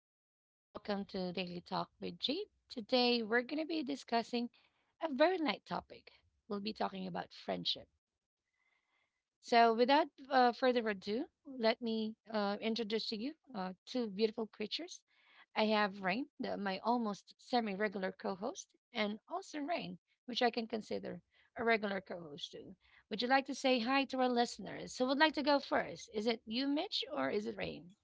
morning, and welcome to Daily Talk with Jade. Today, we're going to be discussing a very light topic. We'll be talking about friendship. So, without further ado, let me introduce to you two beautiful creatures. I have Rain, my almost semi regular co host, and also Rain, which I can consider a regular co host too. Would you like to say hi to our listeners? Who would like to go first? Is it you, Mitch, or is it Rain?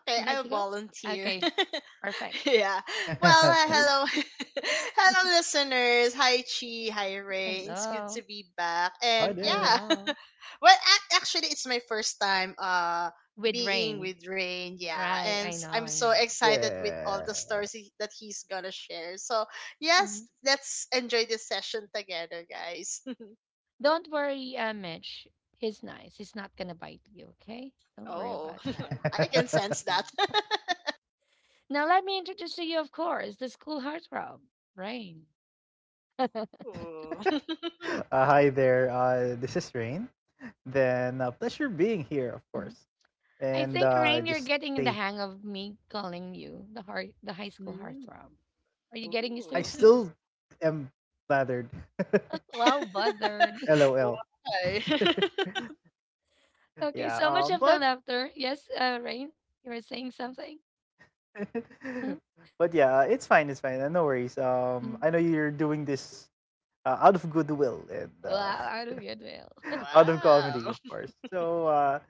Okay, Would I'll like to go? volunteer. Okay. Perfect. Yeah. Well, Hmm. hello. Hello, listeners. Hi, Chi. Hi, Ray. It's good to Hello. be back. And I Hi yeah, know. there. well, actually, it's my first time With being rain. with Rain. Yeah. Right. And I know. I'm I so know. excited with all the stories Yeah. That he's going to share. So, yes, Hmm. let's enjoy this session together, guys. Don't worry, Mitch. He's nice. He's not going to bite you. Okay. Don't worry Oh, about that. I can sense that. Now, let me introduce to you, of course, the school heartthrob, Rain. Ooh. Hi there. This is Rain. Then Pleasure being here, of Mhm. course. I think, And Rain, you're uh, just getting in the state, hang of me calling you the high school Mm, heartthrob. Are you getting used to I ooh. it now? still am flattered. Wow, bothered. LOL. Why? Okay, so yeah. much of the But. laughter. Yes, Rain, you were saying something. Mhm, but yeah, It's fine. It's fine. No worries. Mhm. I know you're doing this out of goodwill and Wow, uh, out of your dwell. out of comedy, Wow. of course. So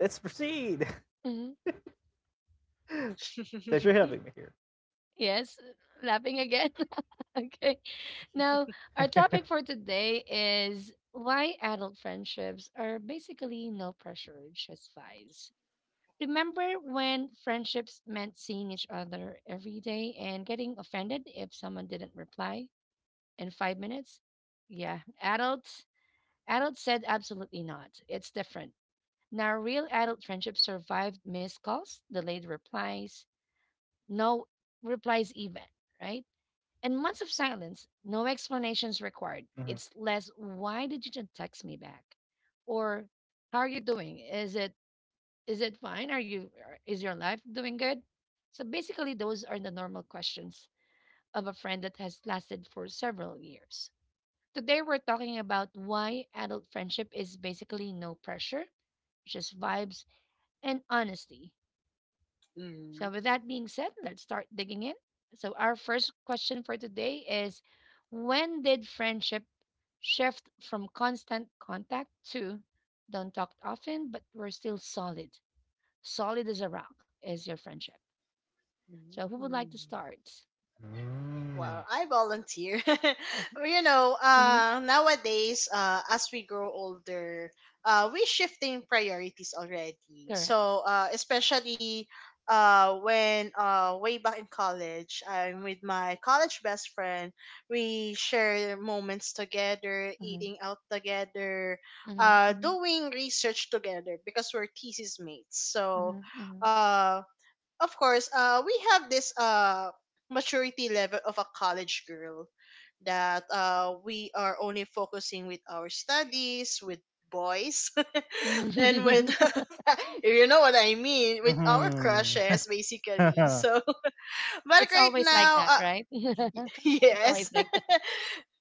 let's proceed. Mhm. Pleasure Y- having me here. Yes, laughing again. Okay. Now, our topic for today is why adult friendships are basically no pressure, just vibes. Remember when friendships meant seeing each other every day and getting offended if someone didn't reply in 5 minutes? Yeah, adults said absolutely not. It's different. Now, real adult friendships survived missed calls, delayed replies, no replies even, right? And months of silence, no explanations required. It's Mm-hmm. less why did you just text me back? Or how are you doing? Is it, is it fine? Are you is your life doing good? So basically those are the normal questions of a friend that has lasted for several years. Today we're talking about why adult friendship is basically no pressure, just vibes and honesty. So, Mm. with that being said, let's start digging in. So, our first question for today is, when did friendship shift from constant contact to don't talk often, but we're still solid? Solid as a rock is your friendship. So, who would like to Mm. start? Well, I Mm. volunteer. Uh, Well, you know, mhm, nowadays, as we grow older, we're shifting priorities already. So, correct. Especially when way back in college, I'm with my college best friend. We share moments together, Hmm, eating out together, hmm, hmm, doing research together because we're thesis mates. So, hmm, hmm, uh, of course, we have this maturity level of a college girl that we are only focusing with our studies with boys and with hmm. if you know what I mean with our crushes Mhm. basically. So, but It's right always like now, that, right? It's always yes, like that.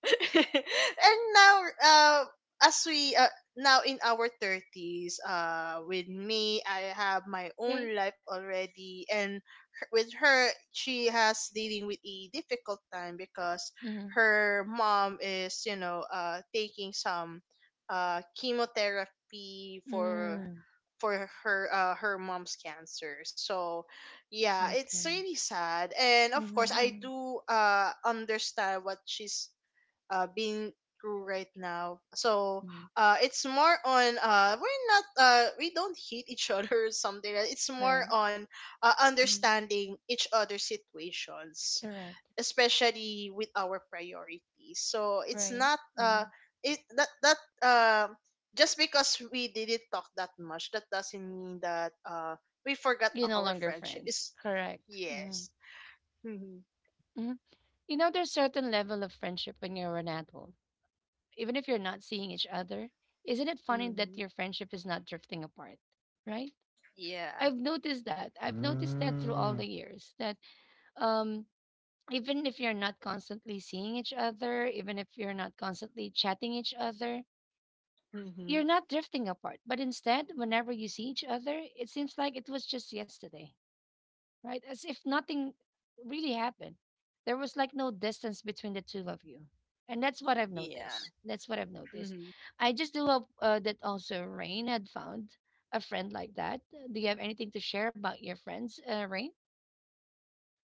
and now uh as we now in our 30s with me I have my Okay. own life already, and with her, she has dealing with a difficult time because Mm-hmm. her mom is, you know, taking some chemotherapy for Mm, her her mom's cancer. So yeah, it's okay. really sad, and of course I Mm-hmm. do understand what she's being through right now. So it's more on, we're not we don't hate each other or something. It's more Right. on Mhm. understanding each other's situations, Correct. especially with our priorities. So it's Right. not Mhm. it that that just because we didn't talk that much, that doesn't mean that we forgot You're no our longer friendship. friends. It's Correct. yes. Mhm. Mm-hmm. Mhm. You know, there's certain level of friendship when you're an adult. Even if you're not seeing each other, isn't it funny that Mm-hmm. your friendship is not drifting apart? Right? Yeah. I've noticed that. I've noticed that through all the Mm. years that, um, even if you're not constantly seeing each other, even if you're not constantly chatting each other, Mm-hmm. you're not drifting apart. But instead, whenever you see each other, it seems like it was just yesterday, right? As if nothing really happened. There was like no distance between the two of you. And that's what I've Yeah. noticed. That's what I've noticed. Mm-hmm. I just do hope that also Rain had found a friend like that. Do you have anything to share about your friends, Rain?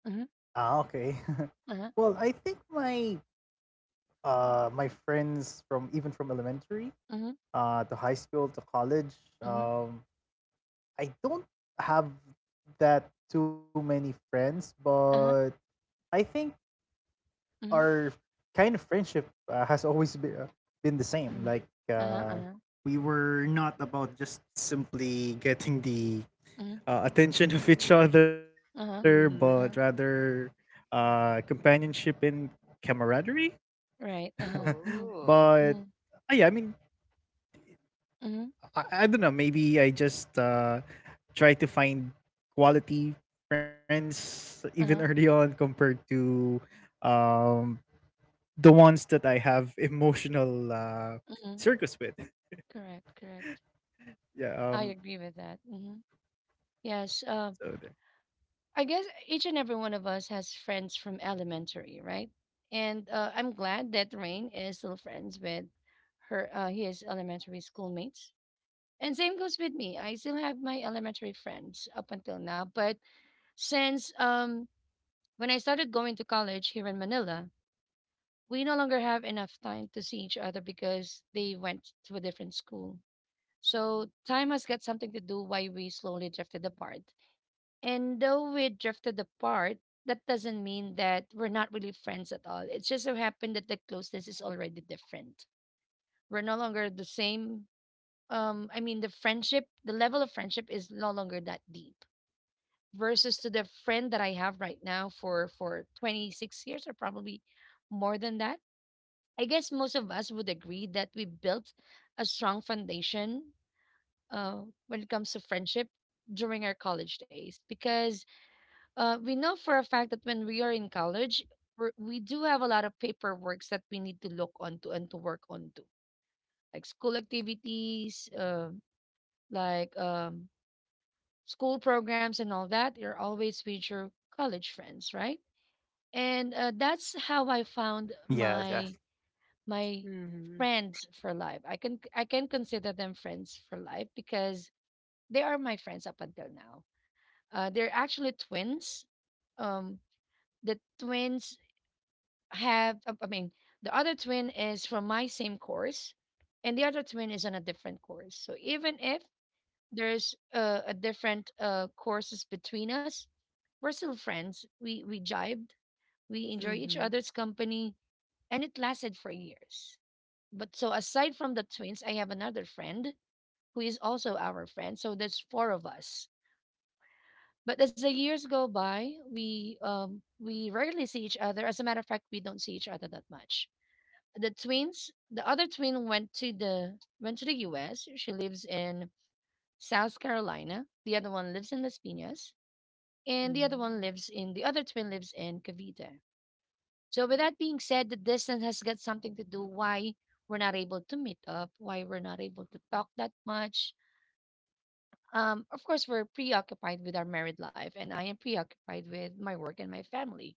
Mm-hmm. Ah, okay. Uh-huh. Well, I think my friends from even from elementary Mm-hmm. To high school to college Mm-hmm. um I don't have that too many friends, Uh-huh. but I think Mm-hmm. our kind of friendship has always been the same. Mm-hmm. Uh-huh. Uh-huh. We were not about just simply getting the Mm-hmm. Attention of each other, but Uh-huh. Mhm. Uh-huh. rather companionship and camaraderie. Right. Uh-huh. Mm-hmm. Oh. but Mm-hmm. uh, yeah, I mean, Mm-hmm. I don't know. Maybe I just try to find quality friends even Uh-huh. early on compared to um, the ones that I have emotional Mm-hmm. circus with. Correct. Correct. I Yeah. agree with that. Mm-hmm. Yes. So there. I guess each and every one of us has friends from elementary, right? And I'm glad that Rain is still friends with her his elementary schoolmates. And same goes with me. I still have my elementary friends up until now, but since when I started going to college here in Manila, we no longer have enough time to see each other because they went to a different school. So time has got something to do why we slowly drifted apart. And though we drifted apart, that doesn't mean that we're not really friends at all. It just so happened that the closeness is already different. We're no longer the same. I mean, the level of friendship is no longer that deep versus to the friend that I have right now for 26 years or probably more than that. I guess most of us would agree that we built a strong foundation uh, when it comes to friendship during our college days because we know for a fact that when we are in college, we do have a lot of paperwork that we need to look onto and to work onto, like school activities, like school programs and all that. You're always with your college friends, right? And that's how I found Yes, yes. my Mhm. friends for life. I can consider them friends for life because they are my friends up until now. They're actually twins. Um, the twins have I mean, the other twin is from my same course and the other twin is on a different course, so even if there's a different courses between us, we're still friends. We jibed, we enjoy each Mhm. other's company and it lasted for years. But so aside from the twins, I have another friend who is also our friend, so there's four of us. But as the years go by, we rarely see each other. As a matter of fact, we don't see each other that much. The twins, the other twin went to the US. She lives in South Carolina. The other one lives in Las Piñas. And the other one Mm. lives in the other twin lives in Cavite. So with that being said, the distance has got something to do why we're not able to meet up, why we're not able to talk that much. Of course, we're preoccupied with our married life, and I am preoccupied with my work and my family.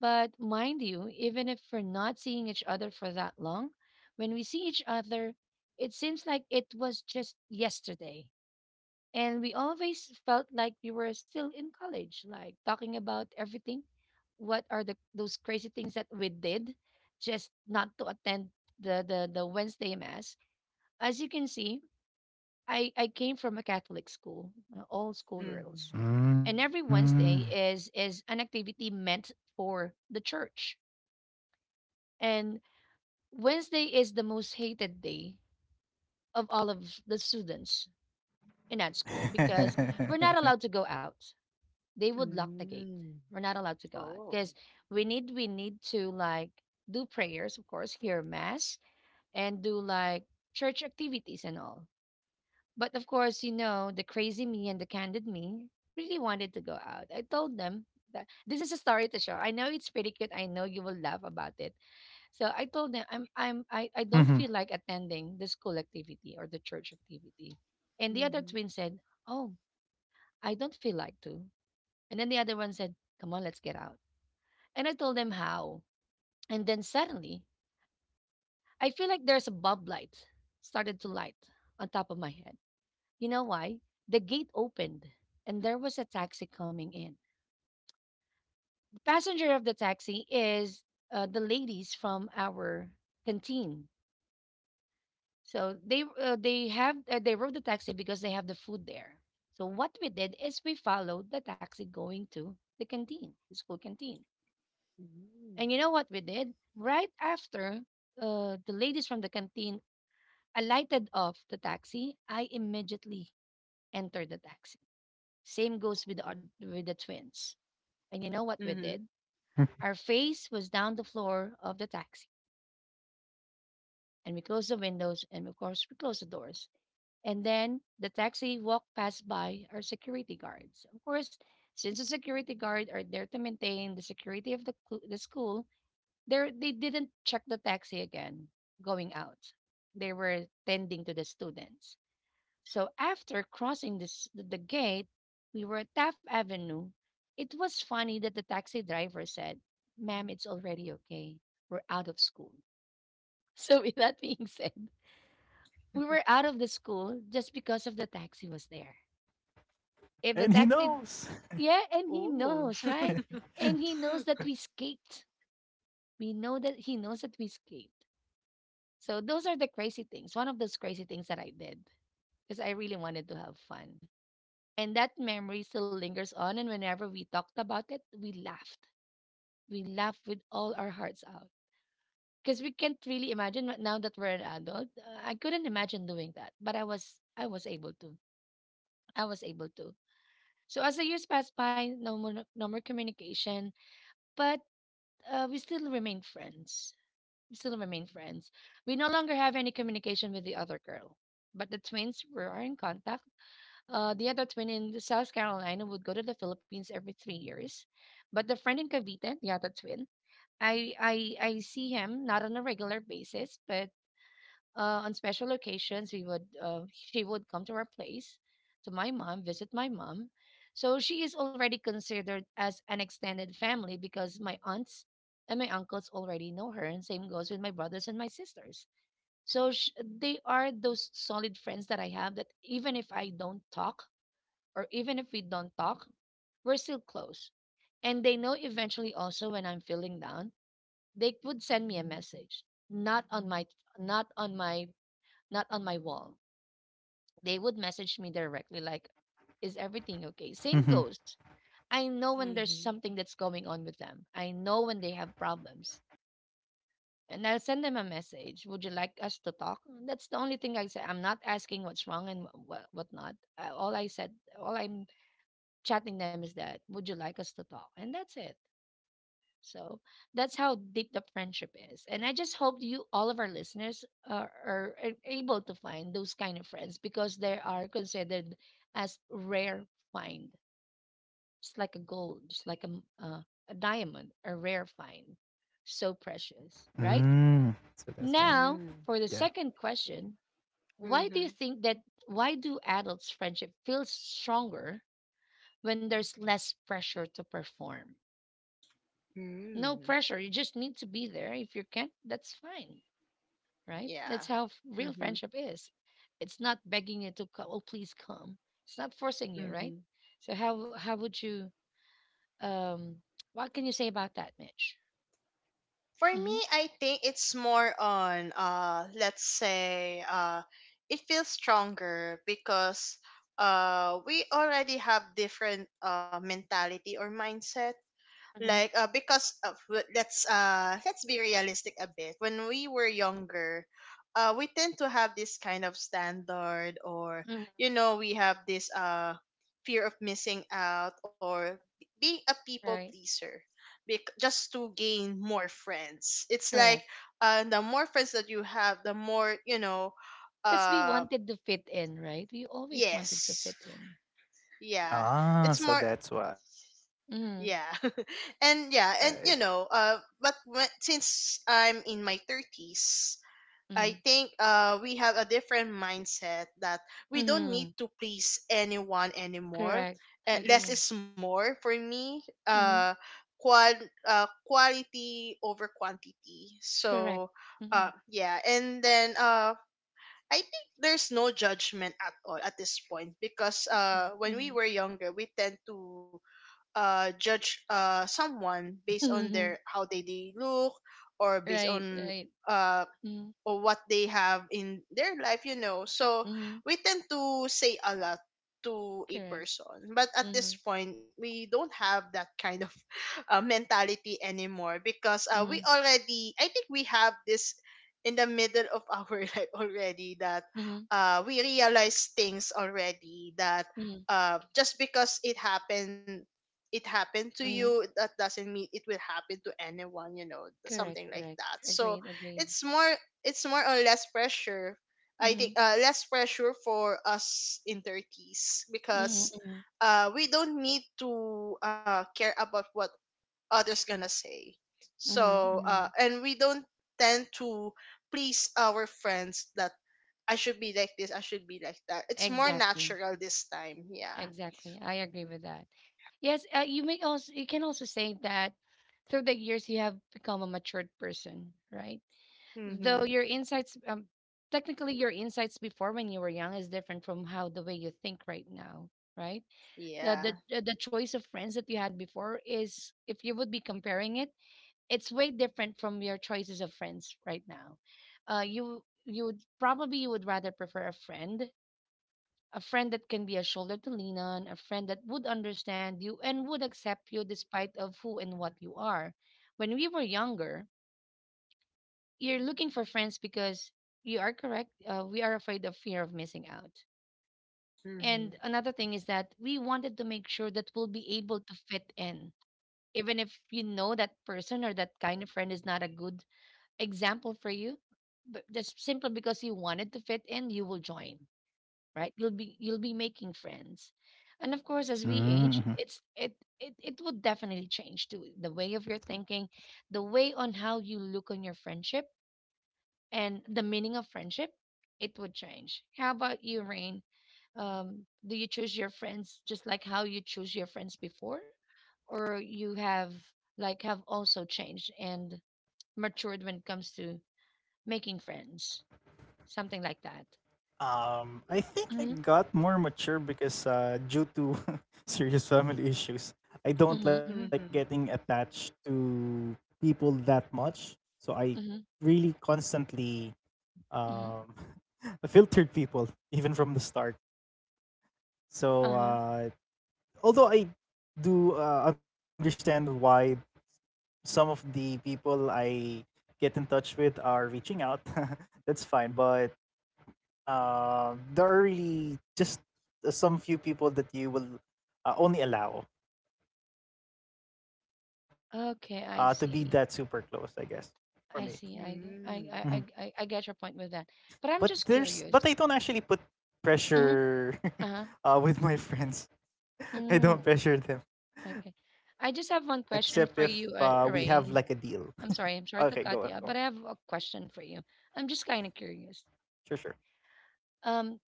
But mind you, even if we're not seeing each other for that long, when we see each other, it seems like it was just yesterday. And we always felt like we were still in college, like talking about everything. What are the those crazy things that we did just not to attend the Wednesday mass? As you can see, I came from a Catholic school, all schoolgirls. Mhm. And every Oh. Wednesday is an activity meant for the church and Wednesday is the most hated day of all of the students in that school because we're not allowed to go out. They would lock the gate. Mm. We're not allowed to go out Oh. because we need to, like, do prayers, of course, hear mass and do like church activities and all. But of course, you know, the crazy me and the candid me really wanted to go out. I told them that this is a story to show. I know it's pretty cute. I know you will laugh about it. So I told them I don't Mm. feel like attending the school activity or the church activity. And the other Mhm. twin said, "Oh, I don't feel like to." And then the other one said, "Come on, let's get out." And I told them how. And then suddenly, I feel like there's a bulb light started to light on top of my head. You know why? The gate opened and there was a taxi coming in. The passenger of the taxi is the ladies from our canteen. So they have they rode the taxi because they have the food there. So what we did is we followed the taxi going to the canteen, the school canteen. Mm. And you know what we did? Right after the ladies from the canteen alighted off the taxi, I immediately entered the taxi. Same goes with Oh. With the twins. And you know what we Mhm. did? Our face was down the floor of the taxi, and we closed the windows, and of course we closed the doors. And then the taxi walked past by our security guards. Of course, since the security guard are there to maintain the security of the school, they did not check the taxi again going out. They were tending to the students. So after crossing this, the gate, we were at Taft Avenue. It was funny that the taxi driver said, "Ma'am, it's already okay. We're out of school." So with that being said, we were out of the school just because of the taxi was there. If the And he taxi, knows. yeah, and he Oh. knows, right? And he knows that we skate. We know that he knows that we skate. So those are the crazy things. One of those crazy things that I did because I really wanted to have fun. And that memory still lingers on. And whenever we talked about it, we laughed. We laughed with all our hearts out because we can't really imagine right now that we're an adult. I couldn't imagine doing that, but I was able to. I was able to. So as the years passed by, no more communication. But we still remain friends. We still remain friends. We no longer have any communication with the other girl, but the twins were are in contact. The other twin in the South Carolina would go to the Philippines every 3 years, but the friend in Cavite, the other twin, I see him not on a regular basis, but on special occasions, we would she would come to our place, to my mom, visit my mom. So she is already considered as an extended family because my aunts and my uncles already know her, and same goes with my brothers and my sisters. So they are those solid friends that I have that even if I don't talk or even if we don't talk, we're still close. And they know eventually also when I'm feeling down, they would send me a message. Not on my not on my not on my wall. They would message me directly, like, is everything okay? Same Mhm. goes. I know when there's Mhm. something that's going on with them. I know when they have problems. And I'll send them a message. Would you like us to talk? That's the only thing I say. I'm not asking what's wrong and whatnot. All I'm chatting them is that, would you like us to talk? And that's it. So that's how deep the friendship is. And I just hope you, all of our listeners, are able to find those kind of friends because they are considered as rare find. It's like a gold, just like a diamond, a rare find. So precious, right? Mm. So that's why. Now, Mm. for the Yeah. second question, why do you Mhm. think that, why do adults' friendship feel stronger when there's less pressure to perform? No Mm. pressure. You just need to be there. If you can't, that's fine, right? That's Yeah. how real Mhm. friendship is. It's not begging you to oh, please come. It's not forcing you, right? Mhm. So how would you um what can you say about that, Mitch? For Mm-hmm. me, I think it's more on, let's say, it feels stronger because we already have different mentality or mindset, Hmm. like because of let's, let's be realistic a bit. When we were younger, we tend to have this kind of standard, or Hmm. you know, we have this fear of missing out or being a people Right. pleaser, just to gain more friends. It's like Correct. The more friends that you have, the more, you know, Because we uh wanted to fit in, right? We always wanted to yes, fit in. yeah, it's more. Ah, so that's why. Mm-hmm. Yeah. And yeah, and you know, but when, since I'm in my 30s, Mm-hmm. I think we have a different mindset that we don't Mm-hmm. need to please anyone anymore. Correct. Less Agree. is more for me. Uh Mm-hmm. qual Quality over quantity. Correct. So Mm-hmm. Yeah, and then I think there's no judgment at all at this point, because Correct. When we were younger, we tend to judge someone based on Mm-hmm. their how they look or based right. on Right. uh, Mm-hmm. or what they have in their life, you know. So Mm-hmm. we tend to say a lot to a Correct. person. But at this Mm-hmm. point, we don't have that kind of mentality anymore, because we Mm-hmm. already, I think we have this in the middle of our life already, that Mm-hmm. We realize things already, that Mm-hmm. Just because it happened to Mm-hmm. you, that doesn't mean it will happen to anyone, you know, Correct. something like Correct. that. So Agreed. Agreed. it's more it's more on less pressure. I think Mm-hmm. Less pressure for us in 30s, Mm-hmm. because Mm-hmm. We don't need to care about what others gonna say. So Mm-hmm. Mm-hmm. and we don't tend to please our friends, that I should be like this, I should be like that. It's more Exactly. natural this time. Yeah. Exactly. I agree with that. Yes, you can also say that through the years you have become a matured person, right? Mm-hmm. Though technically your insights before when you were young is different from how the way you think right now, right? The the Yeah. the the choice of friends that you had before is, if you would be comparing it, it's way different from your choices of friends right now. You would rather prefer a friend that can be a shoulder to lean on, a friend that would understand you and would accept you despite of who and what you are. When we were younger, you're looking for friends because you are correct. We are afraid of fear of missing out. Mm-hmm. And another thing is that we wanted to make sure that we'll be able to fit in. Even if you know that person or that kind of friend is not a good example for you, but just simply because you wanted to fit in, you will join, right? You'll be making friends. And of course, as we age, it's it Mm-hmm. it, it would definitely change to the way of your thinking, the way on how you look on your friendship and the meaning of friendship. It would change. How about you, Rain? Do you choose your friends just like how you choose your friends before, or you have, like, have also changed and matured when it comes to making friends, something like that? I think I Mm-hmm. got more mature because due to serious family issues, I Mm-hmm. don't Mm-hmm. like Mm-hmm. getting attached to people that much. So I Mm-hmm. really constantly Mm-hmm. um, filtered people even from the start. So Uh-huh. uh, although I do understand why some of the people I get in touch with are reaching out. That's fine, but there are really just some few people that you will only allow to be that super close, I guess, Okay, I for me. see. Mhm. I see. I g- But I there's, get your but I point with don't that. actually put But I'm just curious. pressure with Mm-hmm. my friends. Uh-huh. I don't pressure them Mm, okay. except if I just have one we have question like for a you, deal. Rain. Okay, go on, go I'm on. sorry. I'm sorry to cut you off, but I have a question for you. I'm just kind of Sure, sure. curious. Um,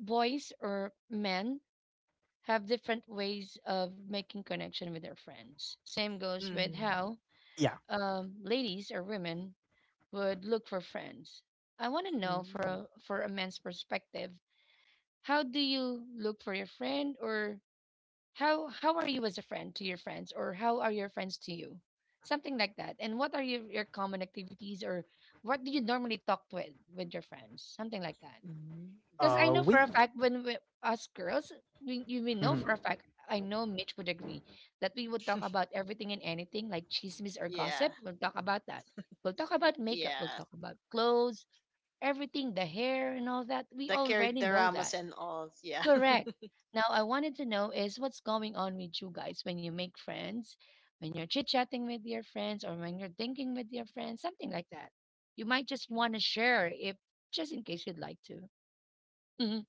Boys or men have different ways of making connection with their friends. Same goes with Yeah. Mm-hmm. how ladies or women would look for friends. I want to Mm-hmm. know for Mm-hmm. For a man's perspective, how do you look for your friend or how are you as a friend to your friends or how are your friends to you? Something like that. And what are your common activities or what do you normally talk with your friends? Something like that. Because I Uh, know for with a fact when we, us girls, we know for a fact, I know Mitch would agree that we would talk about everything and anything like chismis or gossip. Yeah. We'll talk about that. We'll talk about makeup. We'll Yeah. talk about clothes, everything, the hair and all that. We That carried already the know that. Ramas and all. Yeah. Correct. Now, I wanted to know is what's going on with you guys when you make friends, when you're chit chatting with your friends, or when you're thinking with your friends, something like that. You might just want to share if just in case you'd like to.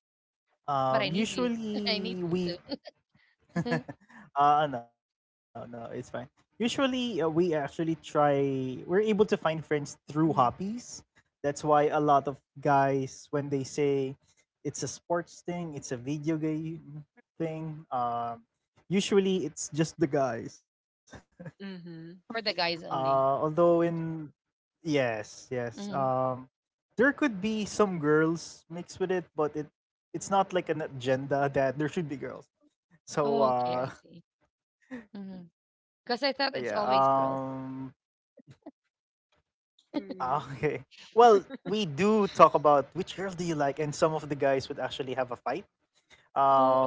But I Um, need you. I need usually we, you too. No, no, it's fine. Usually we actually try. We're able to find friends through Mhm. hobbies. That's why a lot of guys, when they say it's a sports thing, it's a video game thing. Usually it's just the guys. Mm-hmm. For the guys only. although in Yes, yes. Hmm. There could be some girls mixed with it, but it's not like an agenda that there should be girls. So Okay, I uh see. Hmm. Because Yeah. I thought it's always girls. Okay. Mhm. Well, we do talk about which girl do you like, and some of the guys would actually have a fight.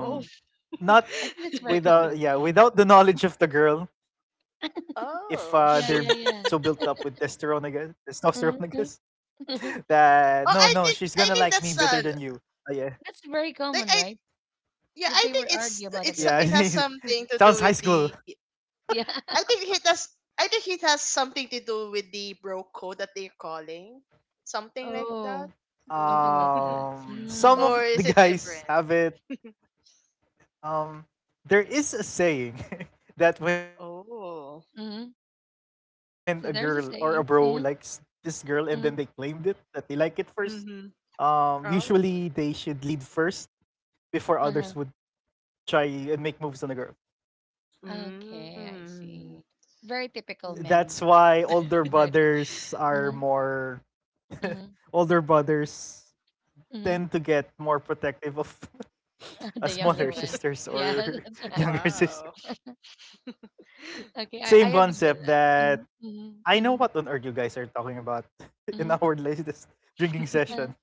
Oh. Not I think it's very common. Without the knowledge of the girl, if they're Oh. so Yeah, built yeah, up with yeah. Testosterone, I guess, Mm-hmm. that no, no, she's Oh, gonna like me I better think than that's you. Yeah, That's very like common, I right? yeah, That I they think were argue about yeah. a it's, girl. it has something Sounds to high do with school. the. Yeah. I think it has. I think it has something to do with the bro code that they're calling, something like that. Oh, something Ooh. like that. Some Mm. of Or the is it guys different? have it. Um, there is a saying that when a girl Oh. or a bro Hmm. likes this girl So and there's then a they saying. claimed it Hmm. that they like it first, Hmm. Mm-hmm. usually they Oh. should lead first before others would Uh-huh. try and make moves on the girl. Okay, I see. Mm. Very That's typical Mm. why men. older Very, very. brothers are Mm-hmm. more Mm-hmm. older brothers tend to get more protective of The a younger smaller ones. sisters Yeah, that's or right. younger Wow. sisters. Okay, I Same agree with concept that. that Mhm, mhm, I know mhm, what on earth you guys are talking about in mhm. our latest drinking Uh, session.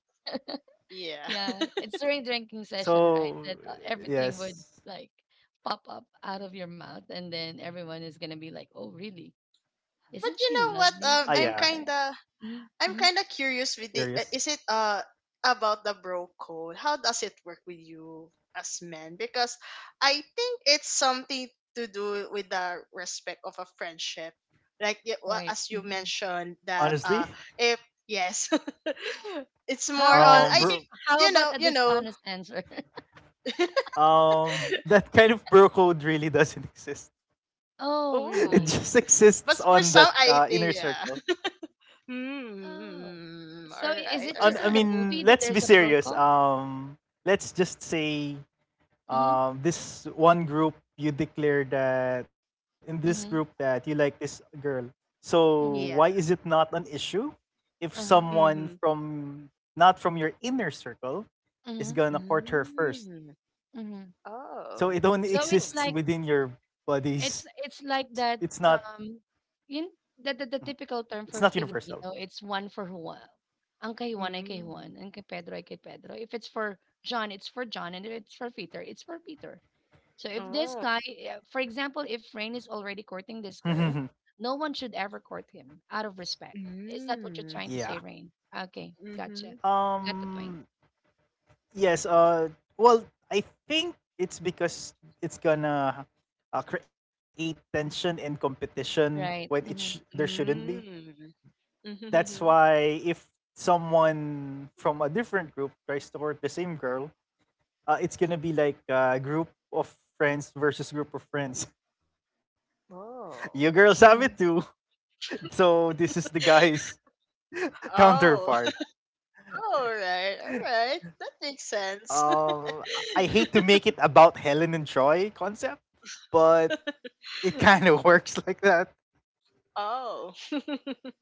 Yeah. yeah, it's during drinking session, right? That So everything would yes, like pop up out of your mouth, and then everyone is gonna be like, "Oh, really? But Isn't you she know what? I lovely?" Yeah, Something like that. Mm-hmm, I'm mm-hmm. kinda curious with the. curious. Is it about the bro code? How does it work with you as men? Because I think it's something to do with the respect of a friendship. Like Right. as you Hmm. mentioned Honestly, that if yes, it's How more about a um, on. I bro, dis- think how about a you know. dishonest answer? That kind of bro code really doesn't exist. It oh, just Oh, really? exists on but that for some, inner I think circle. yeah. Hmm. Oh, Hmm. so All And is right. I it All just in the right. mean, let's movie be that there's a serious. bro call? Um, let's just say Mm-hmm, um, this one group you declare that in this group that you mm-hmm, like this girl. So why mm-hmm, is Yeah. it not an issue if uh-huh. someone Mm-hmm. from not from your inner circle is mm-hmm. gonna court her first? Mm. Mm-hmm. So Oh. it only So it's Mm. exists like within your it's buddies. it's It's like not. that, um in mhm, the It's typical not term for universal. Filipino, it's one for Juan. Ang kay Juan ay kay Mm. Juan, ang kay Pedro ay kay Pedro. If it's for John, it's for John, and if it's for Peter, it's for Peter. So if this Oh. guy, for example, if Rain is already courting this girl, no one should ever court him out of respect. Is that what you're Mm. trying Yeah. to say, Rain? Okay, Mm-hmm. gotcha. Got the point. Um. Yes. Well, I think it's because it's gonna create tension and competition when Right. There Mm-hmm. shouldn't be. Mm. That's Mm-hmm. why if someone from a different group tries to court the same girl, it's gonna be like a group of friends versus group of friends. Oh. You girls have it Mm-hmm. too. So this is the guy's Oh. counterpart. All right. All right. That makes sense. I hate to make it about Helen and Troy concept, but it kind of works like that. Oh.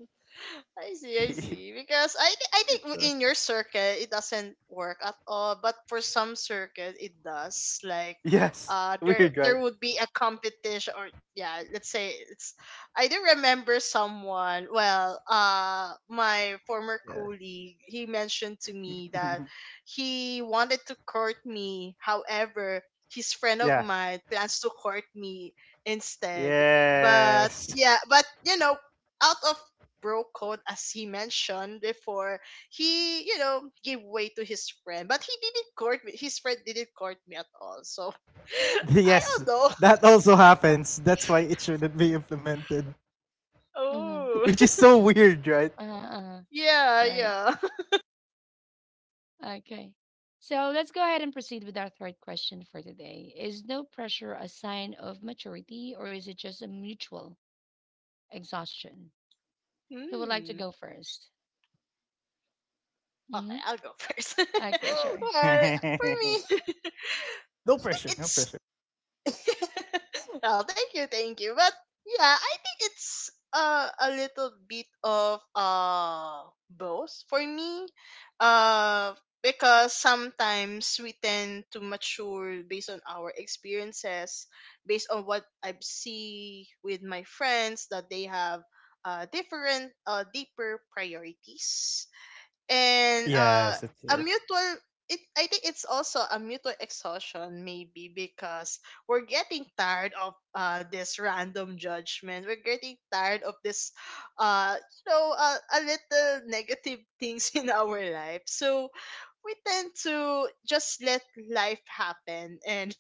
I see, I see. Because I think in your circuit it doesn't work at all, but for some circuit it does. Like, Yes. Weird, right? there would be a competition, or yeah, let's say it's. I do remember someone. Well, my Yes. former colleague, he mentioned to me that he wanted to court me. However, his friend of Yeah. mine plans to court me instead. But Yes. yeah, but you know, out of broke code, as he mentioned before, he, you know, gave way to his friend, but he didn't court me, his friend didn't court me at all. So I Yes. don't know. That also happens. That's why it shouldn't be implemented. Mm-hmm. Oh. Which is so weird, right? Uh-huh, uh-huh. Yeah, Right. yeah. Okay. So let's go ahead and proceed with our third question for today. Is no pressure a sign of maturity or is it just a mutual exhaustion? Who would like to Hmm. go 1st? Mm-hmm. Okay, I'll go first. Okay, sure. Well, for me, No pressure. No it's pressure. well, thank you, thank you. But yeah, I think it's a little bit of both for me. Uh because sometimes we tend to mature based on our experiences, based on what I see with my friends, that they have different deeper priorities, and Yes, it's a true. mutual it I think it's also a mutual exhaustion, maybe because we're getting tired of this random judgment, we're getting tired of this you know, a little negative things in our life. So we tend to just let life happen and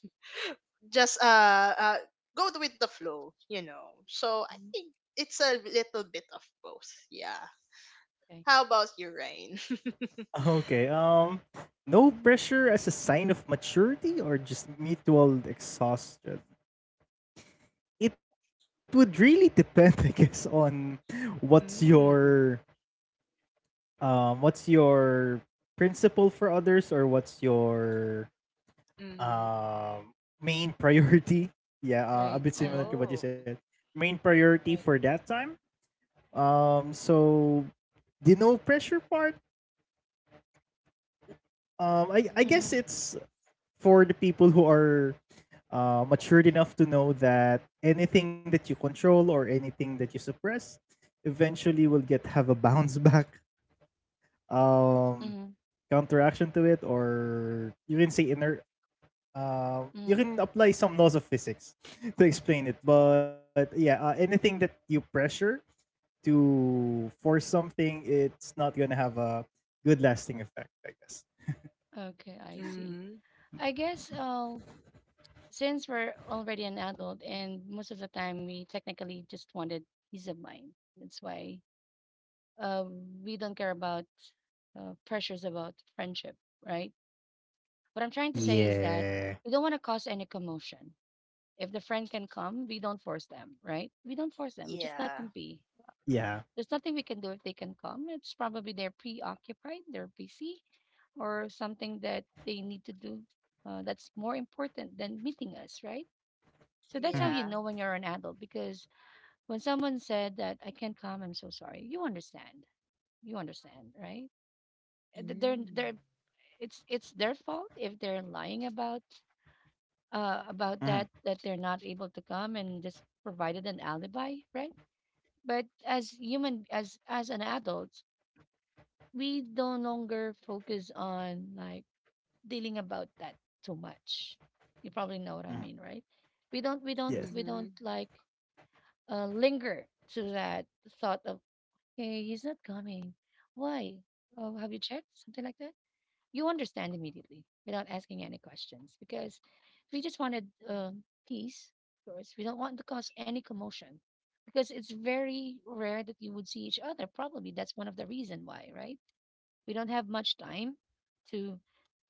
just uh go with the flow, you know. So I Mhm. think it's a little bit of both, yeah. Okay. How about you, Rain? Okay. No Hmm. pressure as a sign of maturity or just mutual exhaustion. It would really depend, I guess, on what's Mm. your what's your principle for others or what's your Mm-hmm. um main priority. Yeah, Right. A bit Uh, similar to what you Oh. said, main priority right. for that time. So the no pressure part, I guess Mm-hmm. Mm. it's for the people who are matured enough to know that anything that you control or anything that you suppress eventually will get have a bounce back, um Mm-hmm. counteraction to it, or you can say inner. Mm-hmm. You can apply some laws of physics to explain it, but yeah, anything that you pressure to force something, it's not gonna have a good lasting effect, I guess. Okay, I see. Mm-hmm. I guess since we're already an adult and most of the time we technically just wanted peace of mind. That's why uh, we don't care about pressures about friendship, right? What I'm trying to say is that Yeah. we don't want to cause any commotion. If the friend can come, we don't force them, right? We don't force them. We just let them Yeah. be. Yeah. There's nothing we can do if they can come. It's probably they're preoccupied, they're busy, or something that they need to do that's more important than meeting us, right? So that's how Hmm. you Yeah. know when you're an adult because when someone said that I can't come, I'm so sorry, you understand. You understand, right? Th- Mm. they're it's their fault if they're lying about that Hmm. They're not able to come and just provided an alibi, right? But as human, as an adult, we no longer focus on like dealing about that too much. You probably know what I mean, Hmm. right? We don't, we don't we Yes. Mm-hmm. don't like linger to that thought of, hey, he's not coming. Why? Oh, have you checked? Something like that. You understand immediately without asking any questions because we just wanted peace, of course. We don't want to cause any commotion because it's very rare that you would see each other. Probably that's one of the reason why, right? We don't have much time to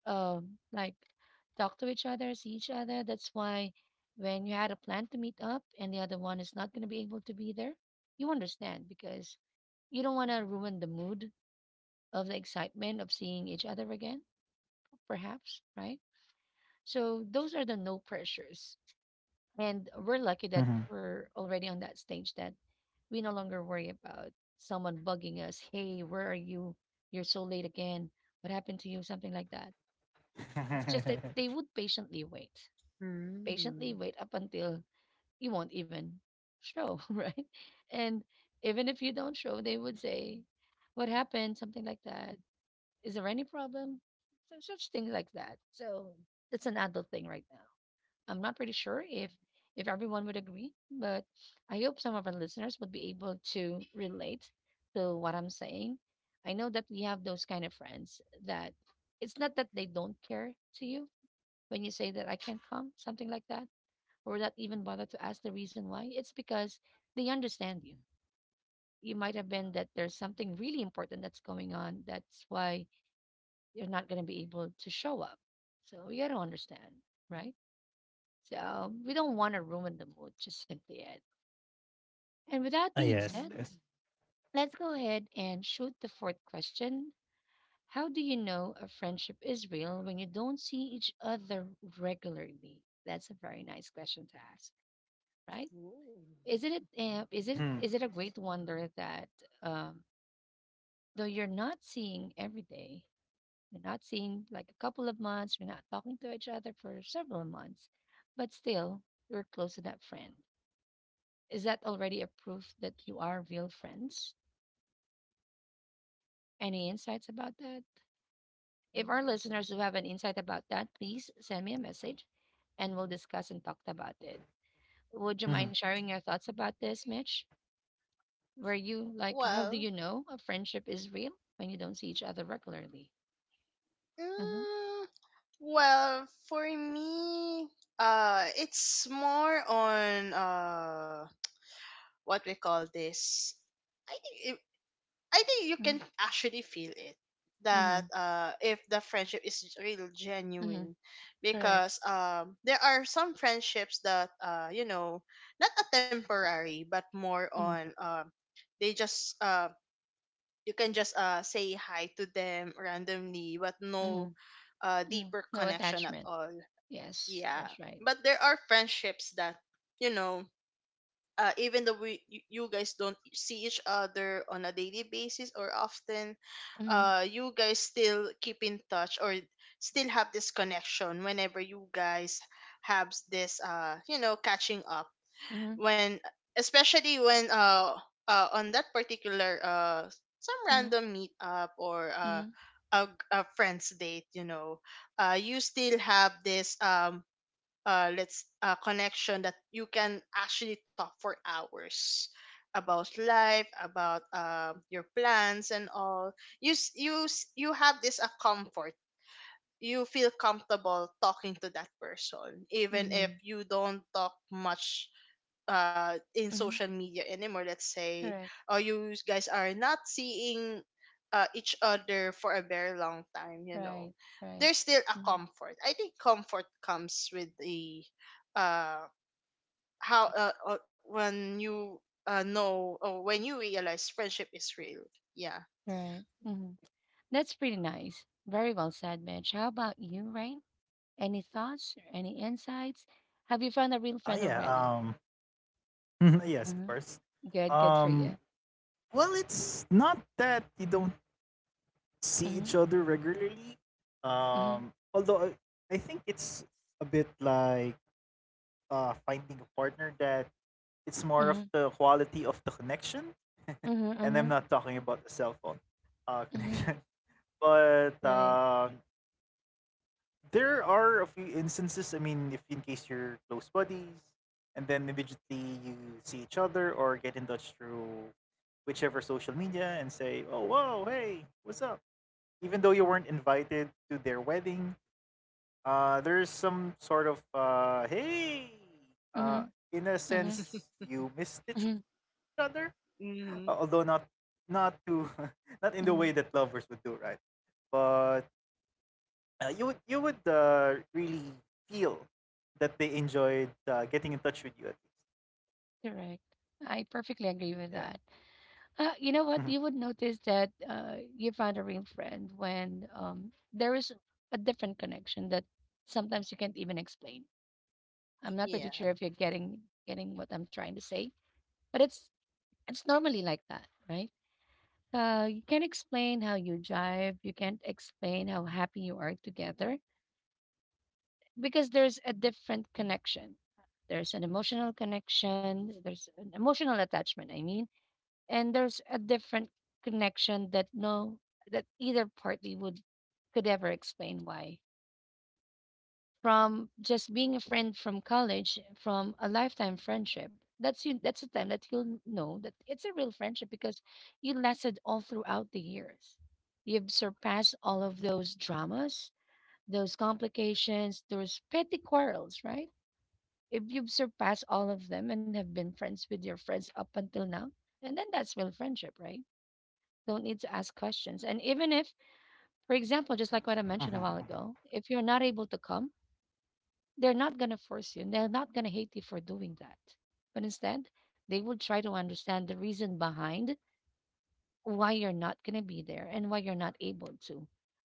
like talk to each other, see each other. That's why when you had a plan to meet up and the other one is not going to be able to be there, you understand because you don't want to ruin the mood of the excitement of seeing each other again, perhaps, right? So those are the no pressures. And we're lucky that Hmm. we're already on that stage that we no longer worry about someone bugging us. Hey, where are you? You're so late again. What happened to you? Something like that. It's just that they would patiently Mm. wait up until you won't even show, right? And even if you don't show, they would say, what happened? Something like that. Is there any problem? So, such things like that. So it's an adult thing right now. I'm not pretty sure if everyone would agree, but I hope some of our listeners would be able to relate to what I'm saying. I know that we have those kind of friends that it's not that they don't care to you when you say that I can't come, something like that, or not even bother to ask the reason why. It's because they understand you. You might have been that there's something really important that's going on. That's why you're not going to be able to show up. So you got to understand, right? So we don't want to ruin the mood, just simply it. And with that being Yes, said, Mm. yes. let's go ahead and shoot the fourth question. How do you know a friendship is real when you don't see each other regularly? That's a very nice question to ask, right? Ooh. Isn't it? Is it? Hmm. Is it a great wonder that um, though you're not seeing every day, you're not seeing like a couple of months, you're not talking to each other for several months, but still you're close to that friend. Is that already a proof that you are real friends? Any insights about that? If our listeners who have an insight about that, please send me a message and we'll discuss and talk about it. Would you Hmm. mind sharing your thoughts about this, Mitch? Were you like, how do Well, you know a friendship is real when you don't see each other regularly? Mm-hmm, mm, well, for me, it's more on, what we call this. I think I think you mm-hmm, can actually feel it that mm-hmm, if the friendship is real, mm-hmm. genuine. Correct. Because um, there are some friendships that you know, not a temporary, but more Mm-hmm, on um, they just you can just say hi to them randomly, but no mm-hmm, mm-hmm. deeper No connection at attachment. all. Yes, Yeah, that's right. but there are friendships that, you know, even though you guys don't see each other on a daily basis or often, Mm-hmm, you guys still keep in touch, or still have this connection whenever you guys have this you know, catching up, mm-hmm, when, especially when, on that particular some random meetup, or mm-hmm, a friend's date, you know. Uh, you still have this um, let's connection, that you can actually talk for hours about life, about your plans and all. You have this a comfort, you feel comfortable talking to that person even mm-hmm, if you don't talk much in mm-hmm. social media anymore, let's say, Correct. You guys are not seeing each other for a very long time, you know. Right, right. There's still a Mm-hmm. comfort. I think comfort comes with the uh how when you know, or when you realize friendship is real. Yeah. Right. Hmm. That's pretty nice. Very well said, Mitch. How about you, Rain? Any thoughts or any insights? Have you found a real Uh, friend yeah, already? um, yes, of Hmm. course. Good, good for Um, you. well, it's not that you don't see each Mm-hmm. other regularly. Mm-hmm. Um, although I, I think it's a bit like finding a partner that it's more of Mm-hmm. the quality of the connection. Mm-hmm. And I'm Mm-hmm. not talking about the cell phone Mm-hmm. connection, but Right. There are a few instances. I mean, if in case you're close buddies, and then immediately you see each other or get in touch through whichever social media and say, "Oh, whoa, hey, what's up?" Even though you weren't invited to their wedding, there's some sort of "Hey," Mm-hmm. In a Mm-hmm. sense, you missed each Mm-hmm. other, although not Mm-hmm. not to not in the way that Hmm. lovers would do, right? But you would really feel that they enjoyed getting in touch with you at least. Correct. I perfectly agree with Yeah. that. You know Mhm, what? You would notice that you found a real friend when there is a different connection that sometimes you can't even explain. I'm not pretty sure Yeah. if you're getting getting what I'm trying to say, but it's normally like that, right? You can't explain how you jive. You can't explain how happy you are together because there's a different connection. There's an emotional connection. There's an emotional attachment. I mean, and there's a different connection that no that either party would could ever explain why, from just being a friend from college, from a lifetime friendship. That's you. That's the time that you'll n- know that it's a real friendship because you lasted all throughout the years. You've surpassed all of those dramas, those complications, those petty quarrels, right? If you've surpassed all of them and have been friends with your friends up until now, and then that's real friendship, right? Don't need to ask questions. And even if, for example, just like what I mhm, mentioned a while mhm. ago, if you're not able to come, they're not going to force you. And They're not going to hate you for doing that. But instead, they will try to understand the reason behind why you're not going to be there and why you're not able to.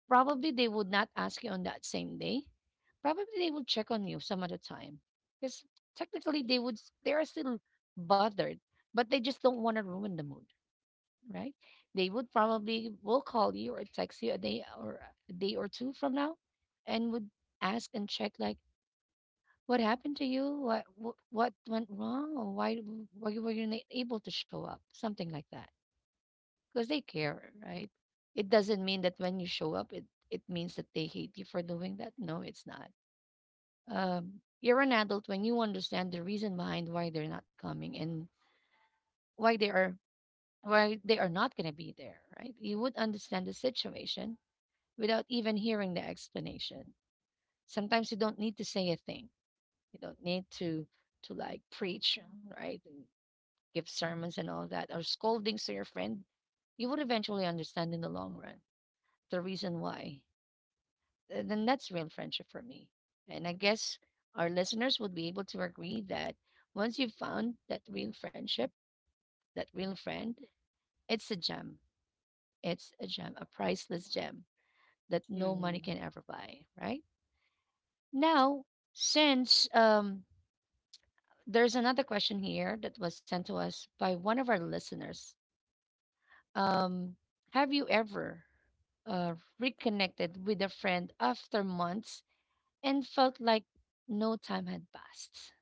Probably they would not ask you on that same day. Probably they will check on you some other time. Because technically they would s- they are still bothered, but they just don't want to ruin the mood, right? They would probably will call you or text you a day or two from now and would ask and check like what happened to you? What went wrong? Or why w- why you- were you not able to show up? Something like that. Because they care, right? It doesn't mean that when you show up, it means that they hate you for doing that. No, it's not. You're an adult when you understand the reason behind why they're not coming and why they are why they are not going to be there, right? You would understand the situation without even hearing the explanation. Sometimes you don't need to say a thing. You don't need to like preach, right? Give sermons and all that, or scoldings to your friend, you would eventually understand in the long run the reason why. Then that's real friendship for me. And I guess our listeners would be able to agree that once you've found that real friendship, that real friend, it's a gem. It's a gem, a priceless gem that no money Mm-hmm. can ever buy, right? Now, since there's another question here that was sent to us by one of our listeners. Um, have you ever reconnected with a friend after months and felt like no time had passed,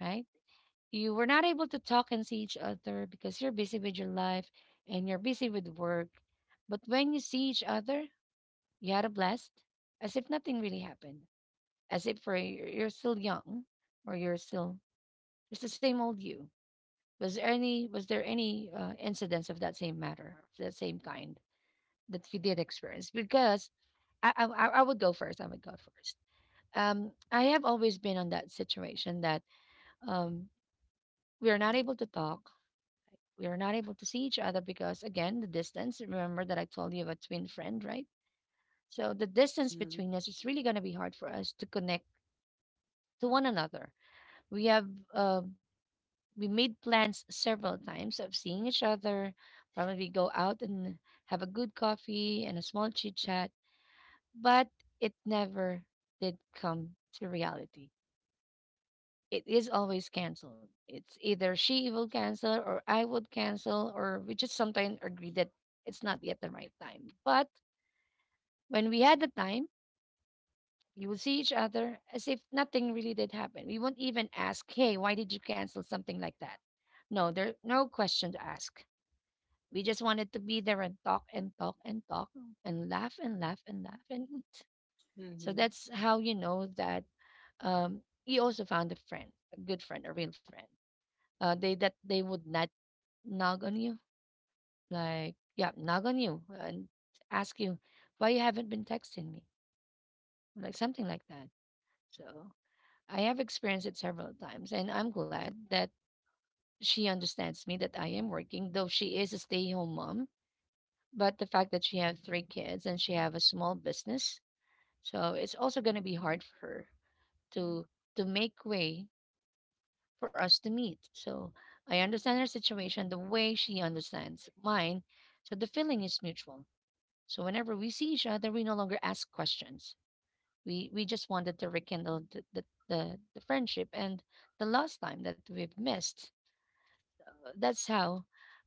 right? You were not able to talk and see each other because you're busy with your life and you're busy with work. But when you see each other, you had a blast, as if nothing really happened, as if for you're still young or you're still it's the same old you. Was there any incidents of that same matter, of that same kind that you did experience? Because I would go first. I would go first. I have always been on that situation that um, we are not able to talk. We are not able to see each other because, again, the distance. Remember that I told you of a twin friend, right? So the distance Mm-hmm. between us is really going to be hard for us to connect to one another. We have uh, we made plans several times of seeing each other. Probably go out and have a good coffee and a small chit chat, but it never did come to reality. It is always canceled. It's either she will cancel or I would cancel, or we just sometimes agree that it's not yet the right time. But when we had the time, we would see each other as if nothing really did happen. We won't even ask, hey, why did you cancel something like that? No, there no question to ask. We just wanted to be there and talk and talk and talk and laugh and laugh and laugh and eat. So Mm-hmm. that's how you know that you also found a friend, a good friend, a real friend. They that they would not knock on you, like yeah, knock on you and ask you why you haven't been texting me, like something like that. So I have experienced it several times, and I'm glad that she understands me that I am working, though she is a stay-home mom. But the fact that she has three kids and she have a small business, so it's also going to be hard for her to make way for us to meet. So I understand her situation the way she understands mine. So the feeling is mutual. So whenever we see each other, we no longer ask questions. We just wanted to rekindle the friendship and the last time that we've missed. That's how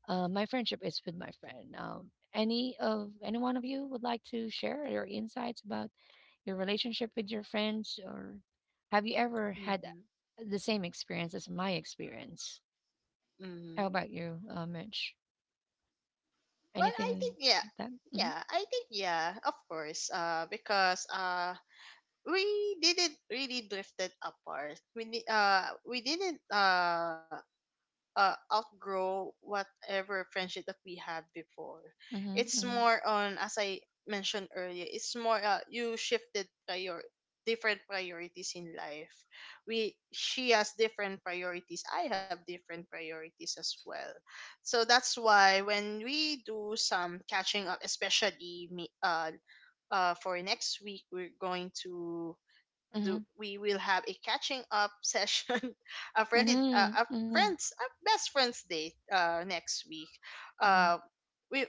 my friendship is with my friend. Any of any one of you would like to share your insights about your relationship with your friends, or have you ever had the same experience as my experience? Mm-hmm. How about you, Mitch? Well, I think Anything yeah, like that? Mhm, yeah, I think yeah, of course. Because we didn't really drifted apart. We didn't outgrow whatever friendship that we had before. mhm, It's mhm, more on, as I mentioned earlier, it's more you shifted prior different priorities in life. We She has different priorities, I have different priorities as well. So that's why when we do some catching up, especially me, for next week, we're going to do mhm, we will have a catching up session, a friendly, mhm, mhm, mhm, a best friends date next week. Uh, we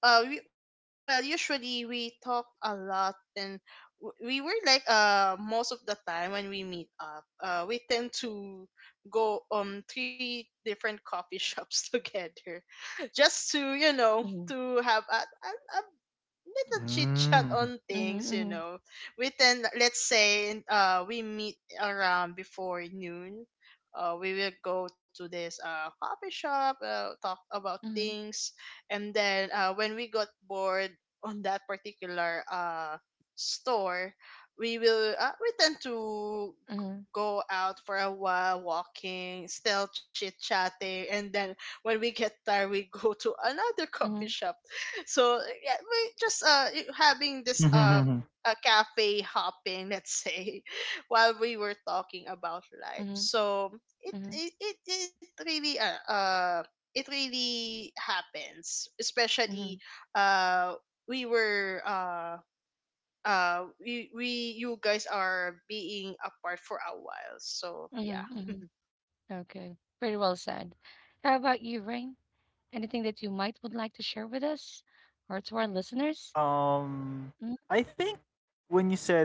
we, well usually we talk a lot, and we were like most of the time when we meet up, we tend to go um, three different coffee shops together, just to, you know, mhm, to have a little chit chat Mm. on things, you mhm, know. We tend, let's say, we meet around before noon. We will go to this coffee shop, talk about mhm, mhm, things, and then when we got bored on that particular store, we tend to g- mhm, go out for a while, walking, still chit chatting, and then when we get tired, we go to another coffee mhm, shop. So yeah, we just having this Mhm. a cafe hopping, let's say, while we were talking about life. mhm, So it really it really happens, especially mhm, uh we were we you guys are being apart for a while. So yeah. mhm, mhm. Okay, very well said. How about you, Rain? Anything that you might would like to share with us or to our listeners? Um, Mhm, I think when you said